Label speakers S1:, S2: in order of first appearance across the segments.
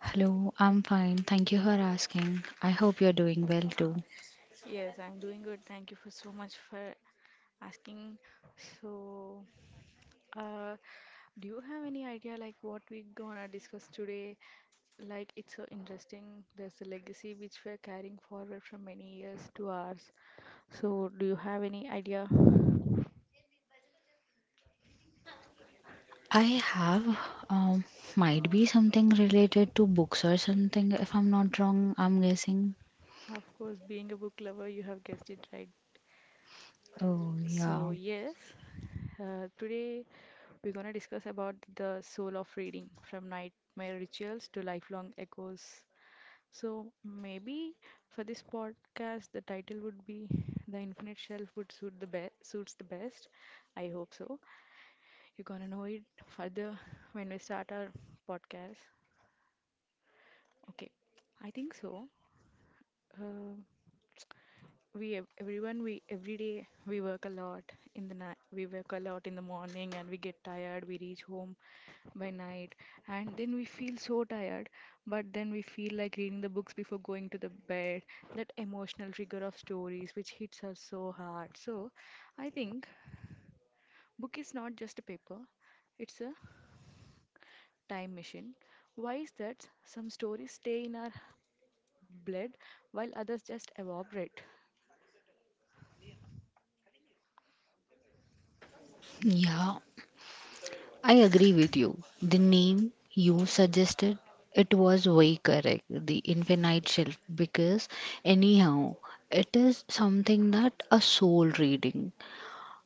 S1: Hello, I'm fine. Thank you for asking. I hope you're doing well too.
S2: Yes, I'm doing good. Thank you for so much for asking. So, uh, do you have any idea like what we gonna discuss today? Like it's so interesting. There's a legacy which we're carrying forward from many years to ours. So, do you have any idea?
S1: I have, um, might be something related to books or something, if I'm not wrong, I'm guessing.
S2: Of course, being a book lover, you have guessed it right.
S1: Oh,
S2: So,
S1: yeah.
S2: yes, today. We're going to discuss about the soul of reading from nightmare rituals to lifelong echoes. So, maybe for this podcast, the title would be The Infinite Shelf would suits the best. I hope so. You're going to know it further when we start our podcast. Okay. I think so. Uh, Everyone, we every day we work a lot in the night, we work a lot in the morning, and we get tired, we reach home by night, and then we feel so tired, but then we feel like reading the books before going to the bed. That emotional trigger of stories which hits us so hard. So I think book is not just a paper, it's a time machine. Why is that some stories stay in our blood while others just evaporate?
S1: Yeah, I agree with you. The name you suggested, it was way correct, the infinite shelf, because anyhow, it is something that a soul reading.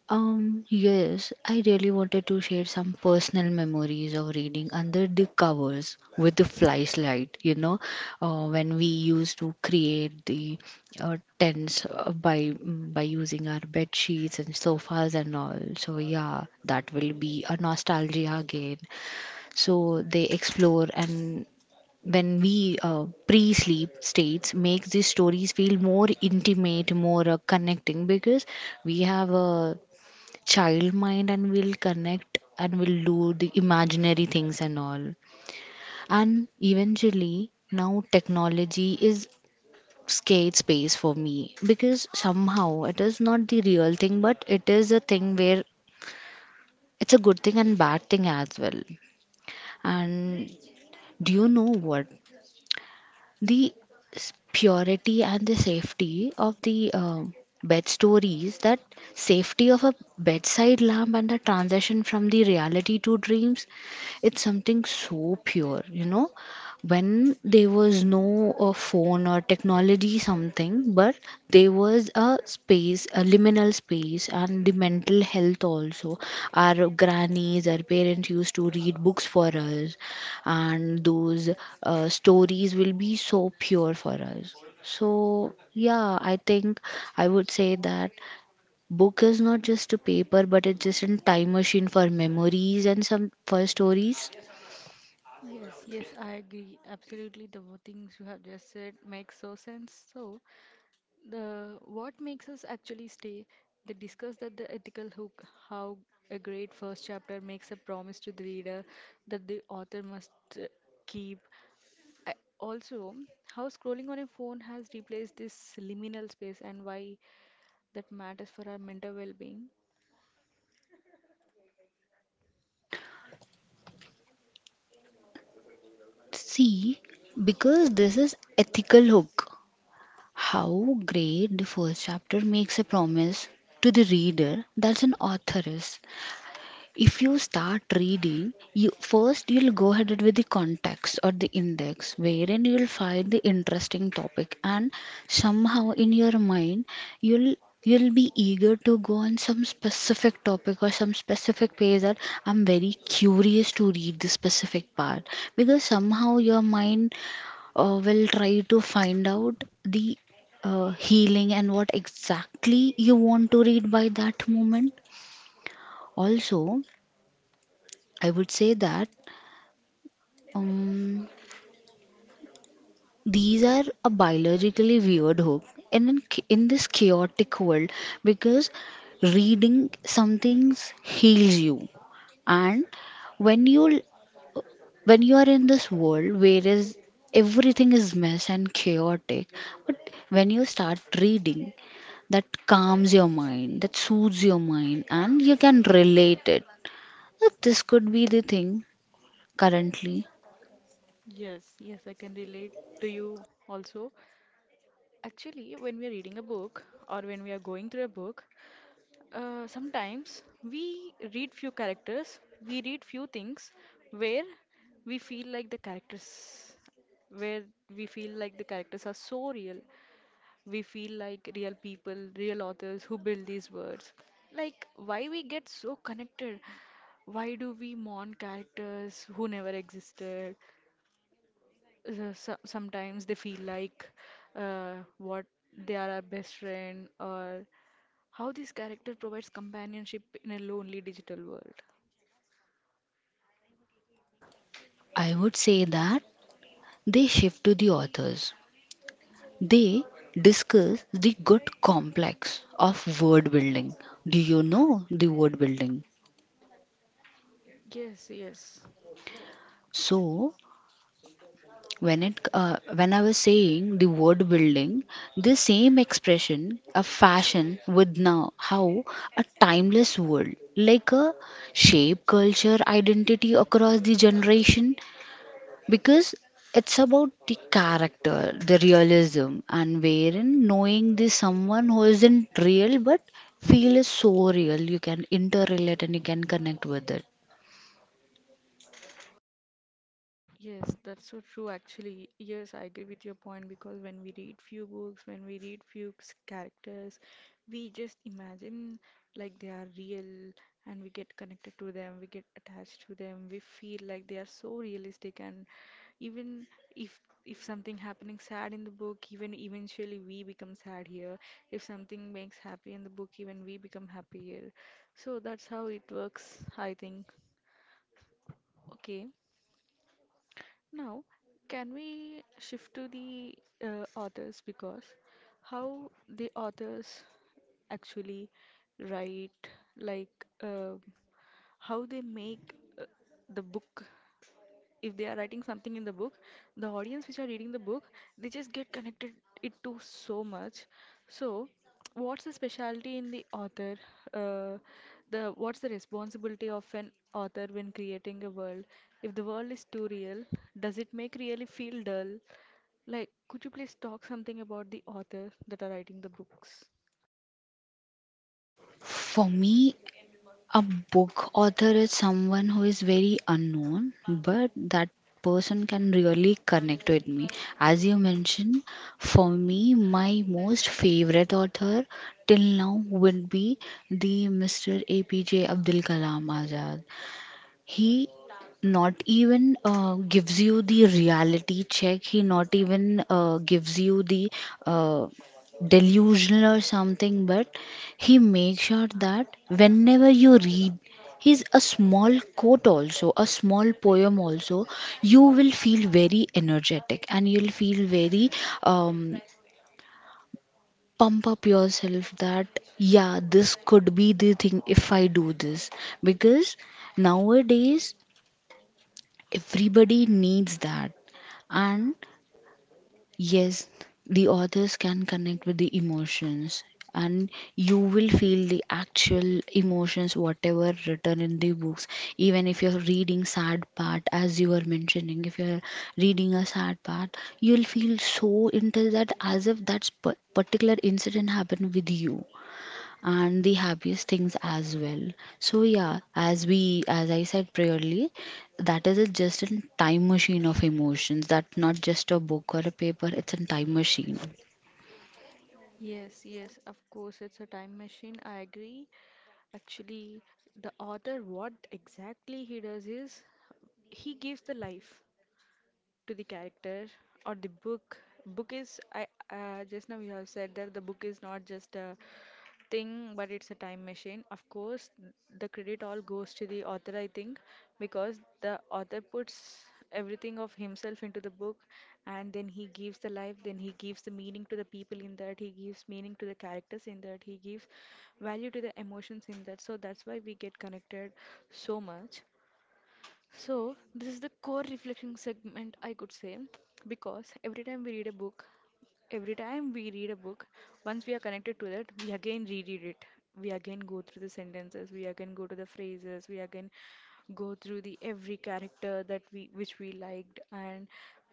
S1: Yes, I really wanted to share some personal memories of reading under the covers with the flashlight, you know, when we used to create the tents by using our bed sheets and sofas and all. So yeah, that will be a nostalgia again. So they explore, and when we pre-sleep states makes these stories feel more intimate, more connecting, because we have a child mind and we'll connect and we'll do the imaginary things and all. And eventually now technology is skate space for me, because somehow it is not the real thing but it is a thing where it's a good thing and bad thing as well. And do you know what, the purity and the safety of the bed stories, that safety of a bedside lamp and the transition from the reality to dreams, it's something so pure, you know, when there was no phone or technology something, but there was a space, a liminal space, and the mental health also. Our grannies, our parents used to read books for us, and those stories will be so pure for us. So yeah, I think I would say that book is not just a paper but it's just a time machine for memories and some for stories.
S2: Yes, yes, I agree. Absolutely, the things you have just said make so sense. So, the what makes us actually stay, they discuss that the ethical hook, how a great first chapter makes a promise to the reader that the author must uh, keep. I- Also, how scrolling on a phone has replaced this liminal space and why that matters for our mental well-being.
S1: See, because this is ethical hook. How great the first chapter makes a promise to the reader that's an author is. If you start reading, you first you'll go ahead with the context or the index, wherein you'll find the interesting topic, and somehow in your mind you'll you'll be eager to go on some specific topic or some specific page, that I'm very curious to read this specific part, because somehow your mind will try to find out the healing and what exactly you want to read by that moment. Also, I would say that, um, these are a biologically weird hook, and in this chaotic world, because reading some things heals you, and when you when you are in this world where is everything is mess and chaotic, but when you start reading, that calms your mind, that soothes your mind, and you can relate it. This could be the thing currently.
S2: Yes, yes, I can relate to you also. Actually, when we are reading a book or when we are going through a book, sometimes we read few characters, we read few things where we feel like the characters, where we feel like the characters are so real. We feel like real people, real authors who build these words. Like, why we get so connected? Why do we mourn characters who never existed? Sometimes they feel like what, they are our best friend, or how this character provides companionship in a lonely digital world.
S1: I would say that they shift to the authors. They discuss the good complex of word building. Do you know the word building?
S2: Yes, yes.
S1: So when it when I was saying the word building, the same expression of fashion with now, how a timeless world like a shape culture identity across the generation, because it's about the character, the realism, and wherein knowing this someone who isn't real but feel is so real, you can interrelate and you can connect with it.
S2: Yes, that's so true actually. Yes, I agree with your point because when we read few books, when we read characters, we just imagine like they are real and we get connected to them, we get attached to them, we feel like they are so realistic. And even if if something happening sad in the book, even eventually we become sad here. If something makes happy in the book, even we become happy here. So that's how it works, I think. Okay. Now, can we shift to the authors? Because how the authors actually write, like, uh, how they make uh, the book, if they are writing something in the book, the audience which are reading the book, they just get connected it to so much. So what's the specialty in the author? Uh, the What's the responsibility of an author when creating a world? If the world is too real, does it make really feel dull? Like, could you please talk something about the author that are writing the books?
S1: For me, a book author is someone who is very unknown, but that person can really connect with me. As you mentioned, for me, my most favorite author till now would be the Mr. APJ Abdul Kalam Azad. He not even gives you the reality check. He not even gives you the uh, delusional or something, but he makes sure that whenever you read his a small quote also, a small poem also, you will feel very energetic and you'll feel very um, pump up yourself, that yeah, this could be the thing if I do this, because nowadays everybody needs that. And yes, the authors can connect with the emotions, and you will feel the actual emotions, whatever written in the books. Even if you're reading sad part, as you were mentioning, if you're reading a sad part, you'll feel so into that, as if that particular incident happened with you, and the happiest things as well. So yeah, as we as I said priorly, that is a, just a time machine of emotions. That's not just a book or a paper, it's a time machine.
S2: Yes, yes, of course, it's a time machine. I agree. Actually, the author, what exactly he does is he gives the life to the character or the book. Book is I Just now you have said that the book is not just a thing but it's a time machine. Of course, the credit all goes to the author, I think, because the author puts everything of himself into the book, and then he gives the life, then he gives the meaning to the people in that, he gives meaning to the characters in that, he gives value to the emotions in that, so that's why we get connected so much. So, this is the core reflection segment, I could say, because every time we read a book, once we are connected to that, we again reread it. We again go through the sentences, we again go to the phrases, we again go through the every character that we which we liked. And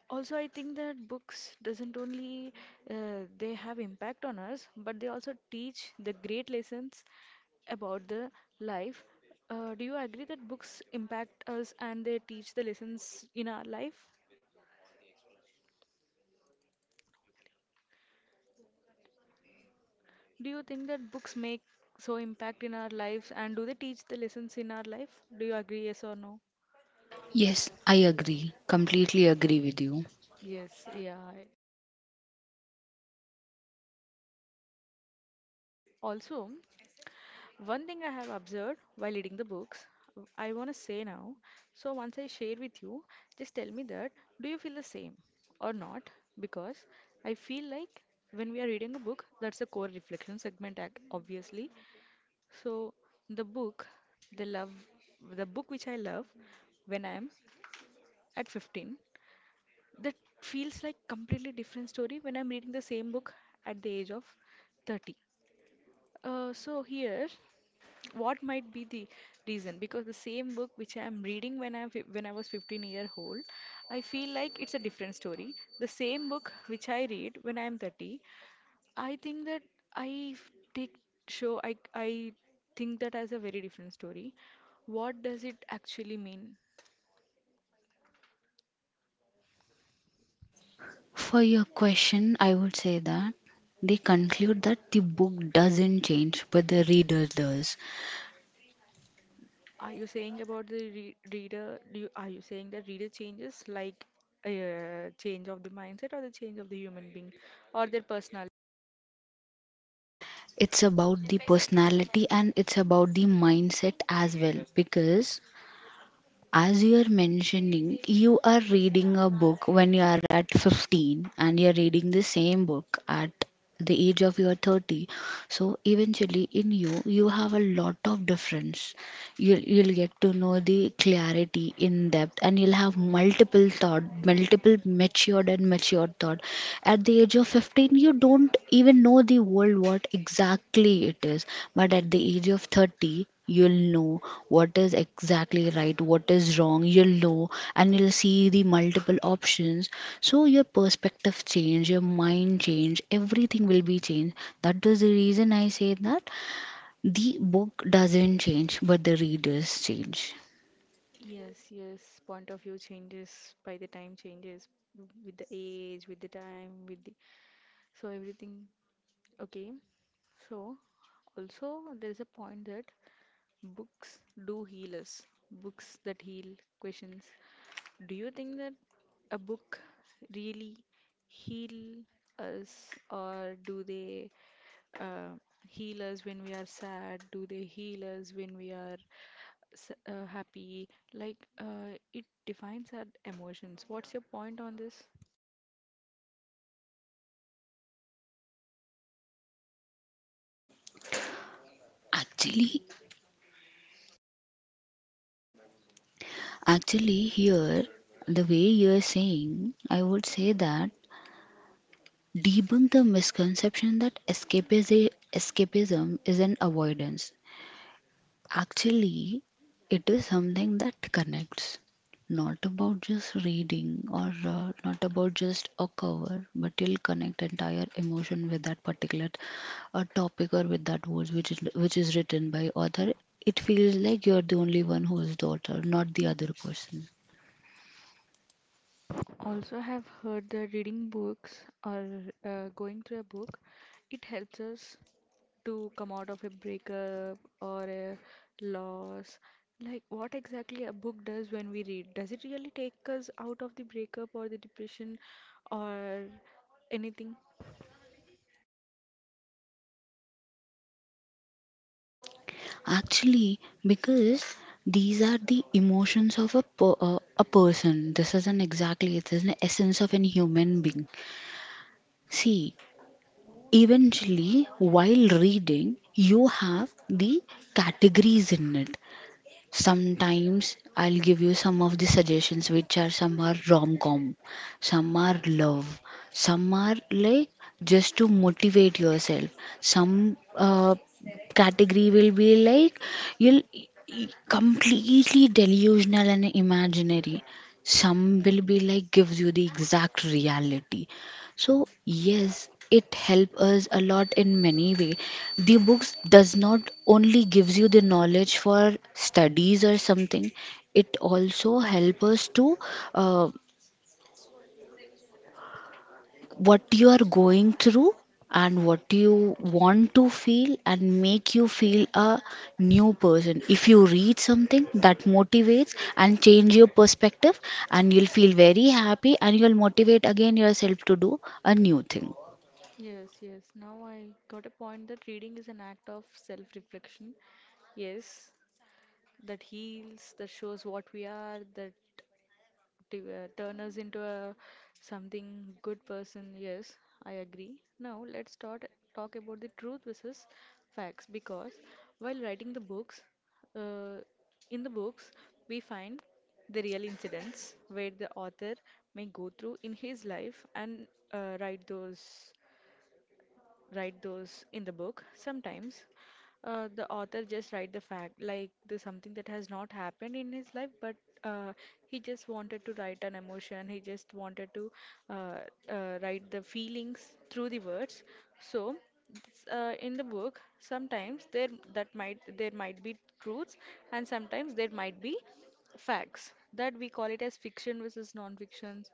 S2: also I think that books doesn't only they have impact on us, but they also teach the great lessons about the life. Do you agree that books impact us and they teach the lessons in our life? Do you think that books make so impact in our lives and do they teach the lessons in our life? Do you agree, yes or no?
S1: Yes, I agree, completely agree with you.
S2: Yes, yeah. Also, one thing I have observed while reading the books, I want to say now. So, once I share with you, just tell me that do you feel the same or not? Because I feel like when we are reading a book, that's a core reflection segment, obviously. So the book, the love, the book which I love when I'm at 15, that feels like completely different story when I'm reading the same book at the age of 30. So here, what might be the reason? Because the same book which I'm reading when I was 15-year-old, I feel like it's a different story. The same book which I read when I'm 30, I think that I f- take show I think that as a very different story. What does it actually mean?
S1: For your question, I would say that they conclude that the book doesn't change but the reader does.
S2: Are you saying about the re reader? Are you saying that reader changes, like a change of the mindset or the change of the human being or their personality?
S1: It's about the personality and it's about the mindset as well, because as you are mentioning, you are reading a book when you are at 15, and you are reading the same book at the age of your 30. So eventually in you, you have a lot of difference. You'll get to know the clarity in depth, and you'll have multiple thought, multiple matured and matured thought. At the age of 15, you don't even know the world what exactly it is, but at the age of 30, you'll know what is exactly right, what is wrong, you'll know, and you'll see the multiple options. So your perspective change, your mind change, everything will be changed. That is the reason I say that the book doesn't change, but the readers change.
S2: Yes, yes. Point of view changes, by the time changes, with the age, with the time, with the so everything. Okay. So also there is a point that books do heal us. Books that heal questions. Do you think that a book really heal us, or do they uh, heal us when we are sad? Do they heal us when we are happy? Like, it defines our emotions. What's your point on this?
S1: Actually, actually, here, the way you're saying, I would say that debunk the misconception that escapism is an avoidance. Actually, it is something that connects, not about just reading or not about just a cover, but you'll connect entire emotion with that particular topic, or with that words which is written by author. It feels like you're the only one who is the author, not the other person.
S2: Also, have heard that reading books or going through a book, it helps us to come out of a breakup or a loss. Like, what exactly a book does when we read? Does it really take us out of the breakup or the depression or anything?
S1: Actually, because these are the emotions of a a person. This isn't exactly, it is an essence of an human being. See, eventually, while reading, you have the categories in it. Sometimes I'll give you some of the suggestions, which are some are rom com, some are love, some are like just to motivate yourself. Some category will be like you'll completely delusional and imaginary. Some will be like gives you the exact reality. So yes, it helps us a lot in many way. The books does not only gives you the knowledge for studies or something. It also help us to, uh, what you are going through and what you want to feel, and make you feel a new person. If you read something that motivates and change your perspective, and you'll feel very happy, and you'll motivate again yourself to do a new thing.
S2: Yes, yes. Now I got a point that reading is an act of self reflection. Yes, that heals, that shows what we are, that turn us into a something good person. Yes, I agree. Now let's start talk about the truth versus facts. Because while writing the books, uh, in the books we find the real incidents where the author may go through in his life and uh, write those write those in the book. Sometimes the author just write the fact, like the something that has not happened in his life, but uh, he just wanted to write an emotion. He just wanted to uh, write the feelings through the words. So, in the book, sometimes there that might there might be truths, and sometimes there might be facts, that we call it as fiction versus non-fictions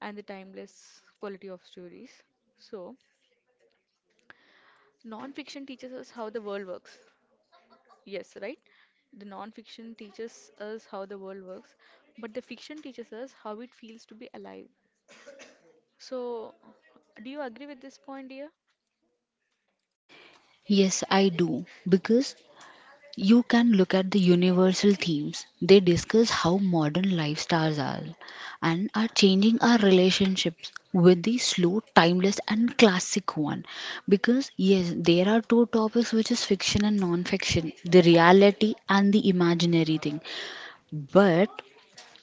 S2: and the timeless quality of stories. So non-fiction teaches us how the world works. Yes, right? The non-fiction teaches us how the world works, but the fiction teaches us how it feels to be alive. So, do you agree with this point, dear?
S1: Yes, I do. Because you can look at the universal themes. They discuss how modern lifestyles are and are changing our relationships with the slow, timeless, and classic one. Because yes, there are two topics which is fiction and non fiction, the reality and the imaginary thing. But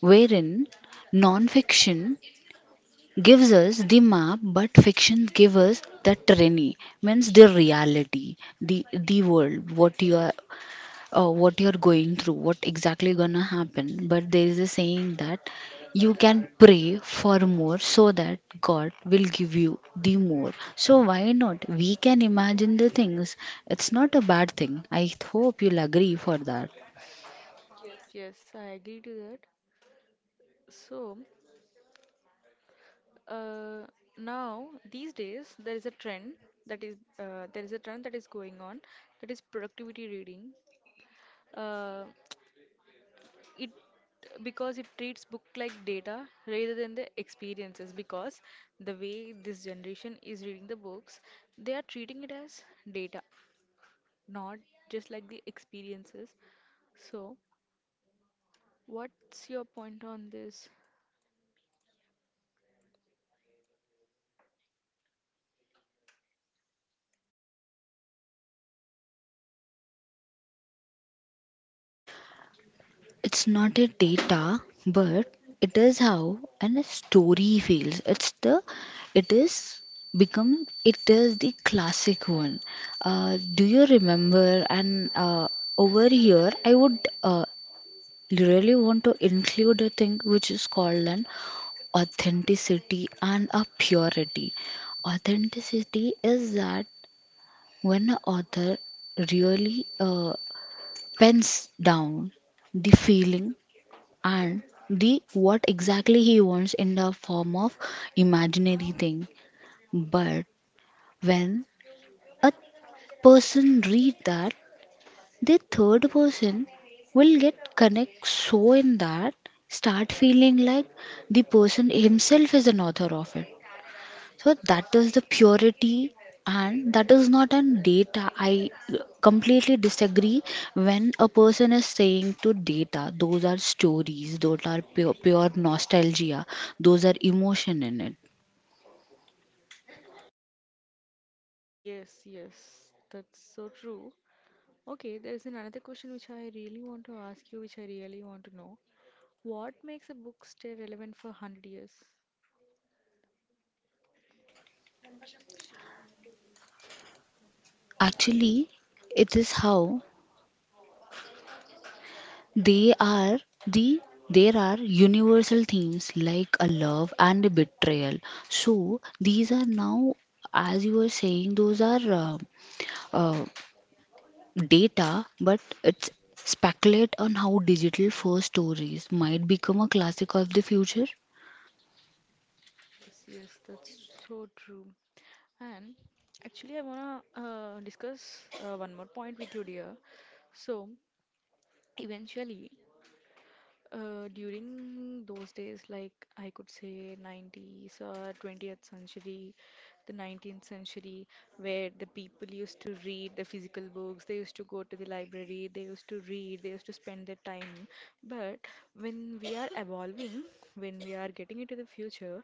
S1: wherein non fiction gives us the map, but fiction gives us the terrain, means the reality, the world what you are, what you're going through, what exactly gonna happen. But there is a saying that you can pray for more, so that god will give you the more. So why not we can imagine the things? It's not a bad thing, I hope you'll agree for that.
S2: Yes, yes, I agree to that. So, uh, now these days there is a trend that is there is a trend that is going on, that is productivity reading. Uh, it Because it treats book like data rather than the experiences. Because the way this generation is reading the books, they are treating it as data, not just like the experiences. So what's your point on this?
S1: It's not a data, but it is how and a story feels. It's the, it is, become it is the classic one. Do you remember? And over here, I would really want to include a thing which is called an authenticity and a purity. Authenticity is that when an author really pens down the feeling, and the what exactly he wants in the form of imaginary thing. But when a person read that, the third person will get connect, so in that start feeling like the person himself is an author of it. So that is the purity, and that is not an data. I completely disagree when a person is saying to data. Those are stories, those are pure, pure nostalgia, those are emotion in it.
S2: Yes, yes, that's so true. Okay, there's another question which I really want to ask you, which I really want to know. What makes a book stay relevant for 100 years?
S1: Actually, it is how they are, the there are universal themes like a love and a betrayal. So these are now, as you were saying, those are uh, data, but it's speculate on how digital first stories might become a classic of the future.
S2: Yes, yes, that's so true. And actually, I wanna discuss one more point with you, dear. So, eventually, during those days, like I could say 90s or 20th century, the 19th century, where the people used to read the physical books, they used to go to the library, they used to read, they used to spend their time. But when we are evolving, when we are getting into the future,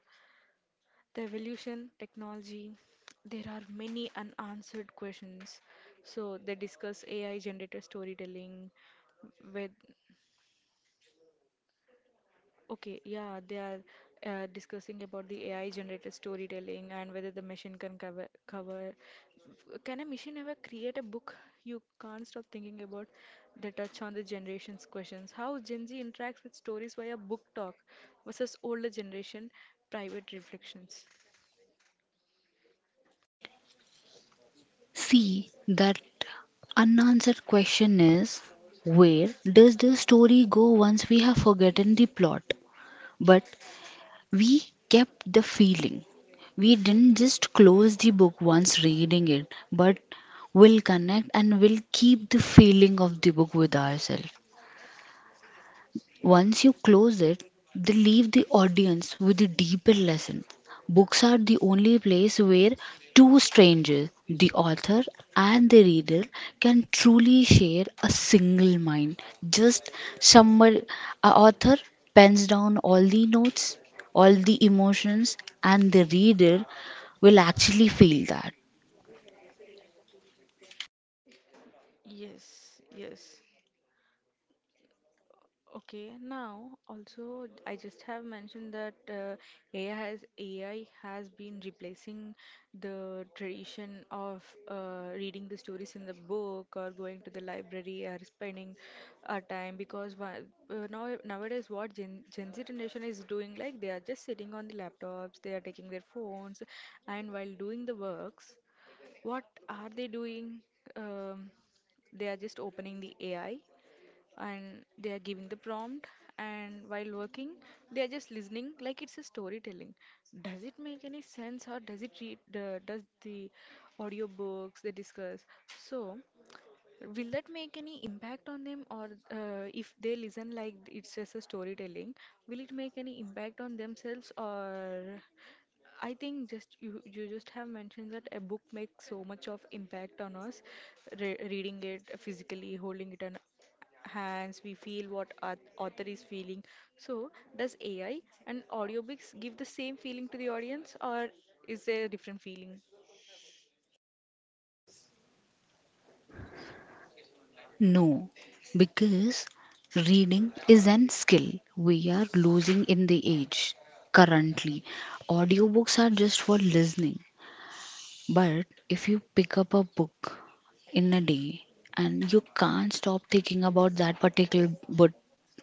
S2: the evolution technology, there are many unanswered questions. So they discuss ai generated storytelling with. Okay, yeah, they are discussing about the ai generated storytelling and whether the machine can cover. Can a machine ever create a book you can't stop thinking about? The touch on the generations questions, how gen z interacts with stories via book talk versus older generation private reflections.
S1: See, that unanswered question is, where does the story go once we have forgotten the plot? But we kept the feeling. We didn't just close the book once reading it, but will connect and will keep the feeling of the book with ourselves. Once you close it, they leave the audience with a deeper lesson. Books are the only place where two strangers, the author and the reader, can truly share a single mind. Just somewhere, a author pens down all the notes, all the emotions, and the reader will actually feel that.
S2: Yes, yes. Okay, now also I just have mentioned that AI has been replacing the tradition of reading the stories in the book or going to the library or spending our time, because now nowadays what Gen Z generation is doing, like they are just sitting on the laptops, they are taking their phones, and while doing the works, what are they doing? Um, they are just opening the AI and they are giving the prompt, and while working they are just listening like it's a storytelling. Does it make any sense, or does it read the, does the audiobooks they discuss? So will that make any impact on them, or if they listen like it's just a storytelling, will it make any impact on themselves, or I think just you just have mentioned that a book makes so much of impact on us, reading it physically, holding it in hands, we feel what author is feeling. So, does AI and audiobooks give the same feeling to the audience, or is there a different feeling?
S1: No, because reading is an skill we are losing in the age. Currently, audiobooks are just for listening. But if you pick up a book in a day and you can't stop thinking about that particular book,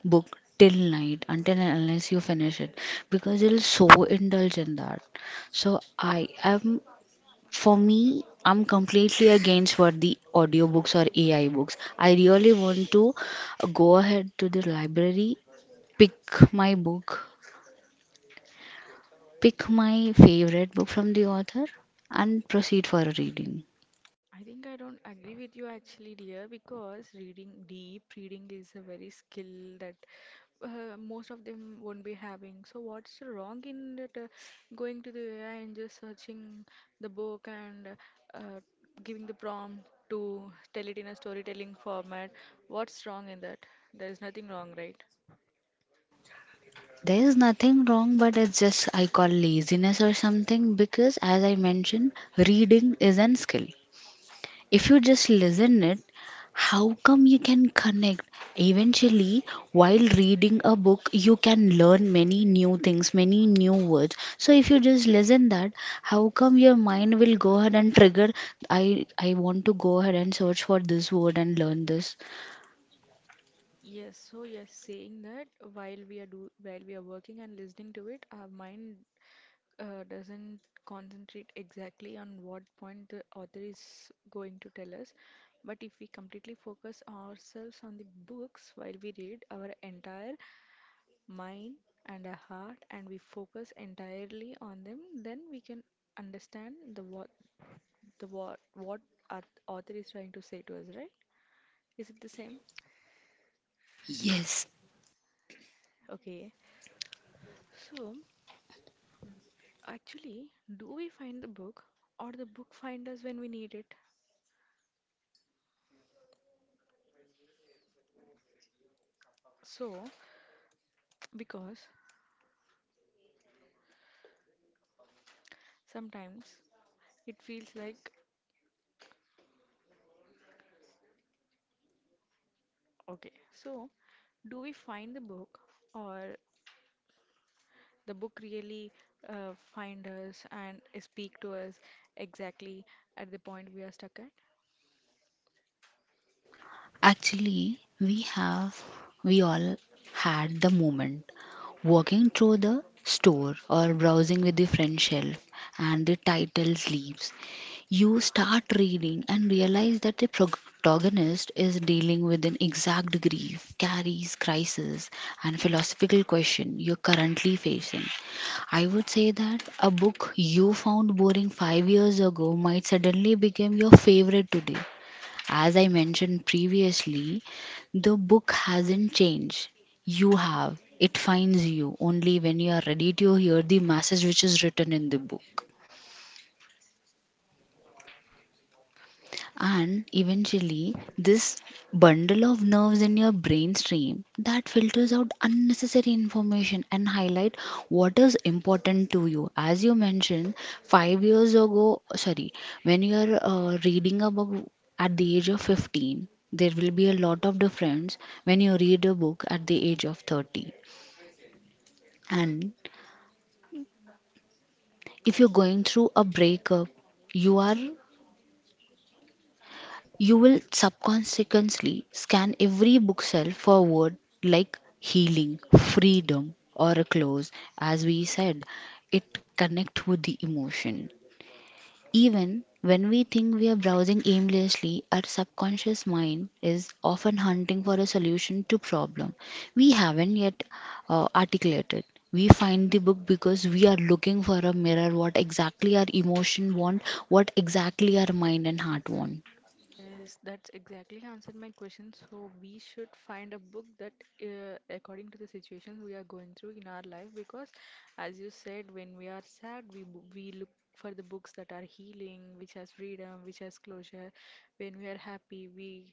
S1: book till night until and unless you finish it because you'll so indulge in that. So I am For me, I'm completely against what the audiobooks or AI books. I really want to go ahead to the library, pick my book, pick my favorite book from the author, and proceed for a reading.
S2: I think I don't agree with you actually, dear, because reading, deep reading is a very skill that most of them won't be having. So what's wrong in that, going to the AI and just searching the book and uh, giving the prompt to tell it in a storytelling format? What's wrong in that? There is nothing wrong, right?
S1: There is nothing wrong, but it's just I call laziness or something because, as I mentioned, reading is an skill. If you just listen it, how come you can connect eventually? While reading a book you can learn many new things, many new words. So if you just listen that, how come your mind will go ahead and trigger? I i want to go ahead and search for this word and learn this.
S2: Yes, so yes, saying that while we are do while we are working and listening to it, our mind doesn't concentrate exactly on what point the author is going to tell us. But if we completely focus ourselves on the books while we read, our entire mind and our heart, and we focus entirely on them, then we can understand the what author is trying to say to us, right? Is it the same?
S1: Yes.
S2: Okay. So actually, do we find the book, or the book find us when we need it? So because sometimes it feels like, okay, so do we find the book, or the book really find us and speak to us exactly at the point we are stuck at?
S1: Actually, we have, we all had the moment walking through the store or browsing with the friend shelf and the title leaves. You start reading and realize that the protagonist is dealing with an exact grief, carries crisis, and philosophical question you're currently facing. I would say that a book you found boring 5 years ago might suddenly become your favorite today. As I mentioned previously, the book hasn't changed. You have. It finds you only when you are ready to hear the message which is written in the book. And eventually, this bundle of nerves in your brainstream that filters out unnecessary information and highlight what is important to you. As you mentioned, 5 years ago, sorry, when you are reading a book at the age of 15, there will be a lot of difference when you read a book at the age of 30. And if you're going through a breakup, you are, you will subconsciously scan every bookshelf for word like healing, freedom, or a close. As we said, it connects with the emotion. Even when we think we are browsing aimlessly, our subconscious mind is often hunting for a solution to problem we haven't yet articulated. We find the book because we are looking for a mirror what exactly our emotion want, what exactly our mind and heart want.
S2: Yes, that's exactly answered my question. So we should find a book that, according to the situations we are going through in our life, because as you said, when we are sad, we look for the books that are healing, which has freedom, which has closure. When we are happy,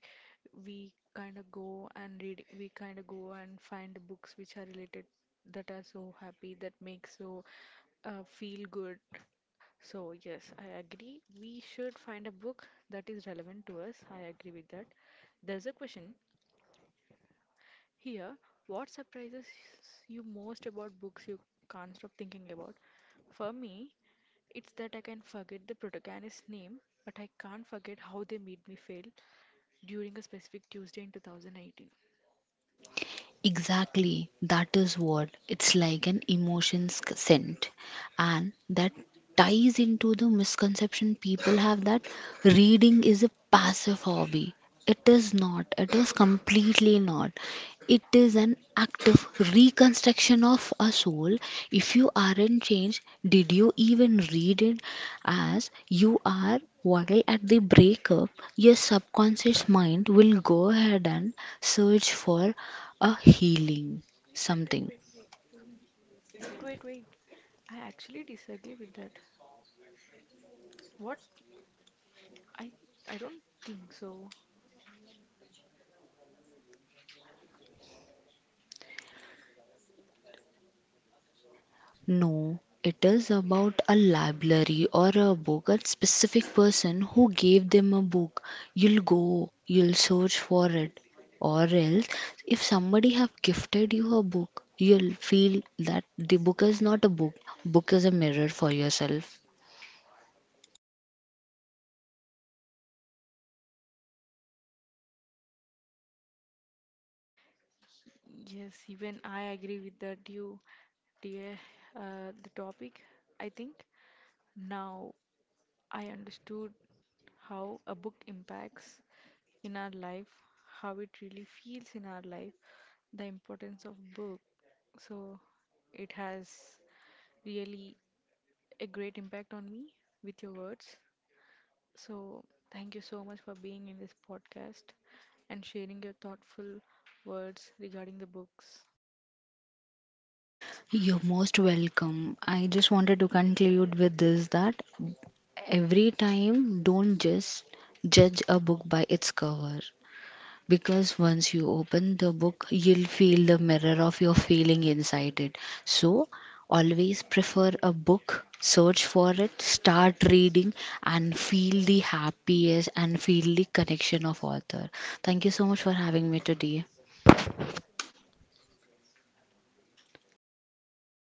S2: we kind of go and read, we kind of go and find the books which are related, that are so happy, that make so feel good. So, yes, I agree. We should find a book that is relevant to us. I agree with that. There's a question here. What surprises you most about books you can't stop thinking about? For me, it's that I can forget the protagonist's name, but I can't forget how they made me feel during a specific Tuesday in 2018.
S1: Exactly, that is what it's like, an emotions scent, and that ties into the misconception people have that reading is a passive hobby. It is not, it is completely not. It is an active reconstruction of a soul. If you aren't changed, did you even read it? As you are while at the breakup, your subconscious mind will go ahead and search for a healing something.
S2: Wait, wait, wait. I actually disagree with that. What? I I don't think so.
S1: No, it is about a library or a book, a specific person who gave them a book. You'll go, you'll search for it. Or else, if somebody have gifted you a book, you'll feel that the book is not a book. Book is a mirror for yourself.
S2: Yes, even I agree with that. You dear, the topic. I think now I understood how a book impacts in our life, how it really feels in our life, the importance of book. So it has really a great impact on me with your words. So thank you so much for being in this podcast and sharing your thoughtful words regarding the books.
S1: You're most welcome. I just wanted to conclude with this that every time don't just judge a book by its cover, because once you open the book you'll feel the mirror of your feeling inside it. So always prefer a book, search for it, start reading, and feel the happiest and feel the connection of author. Thank you so much for having me today.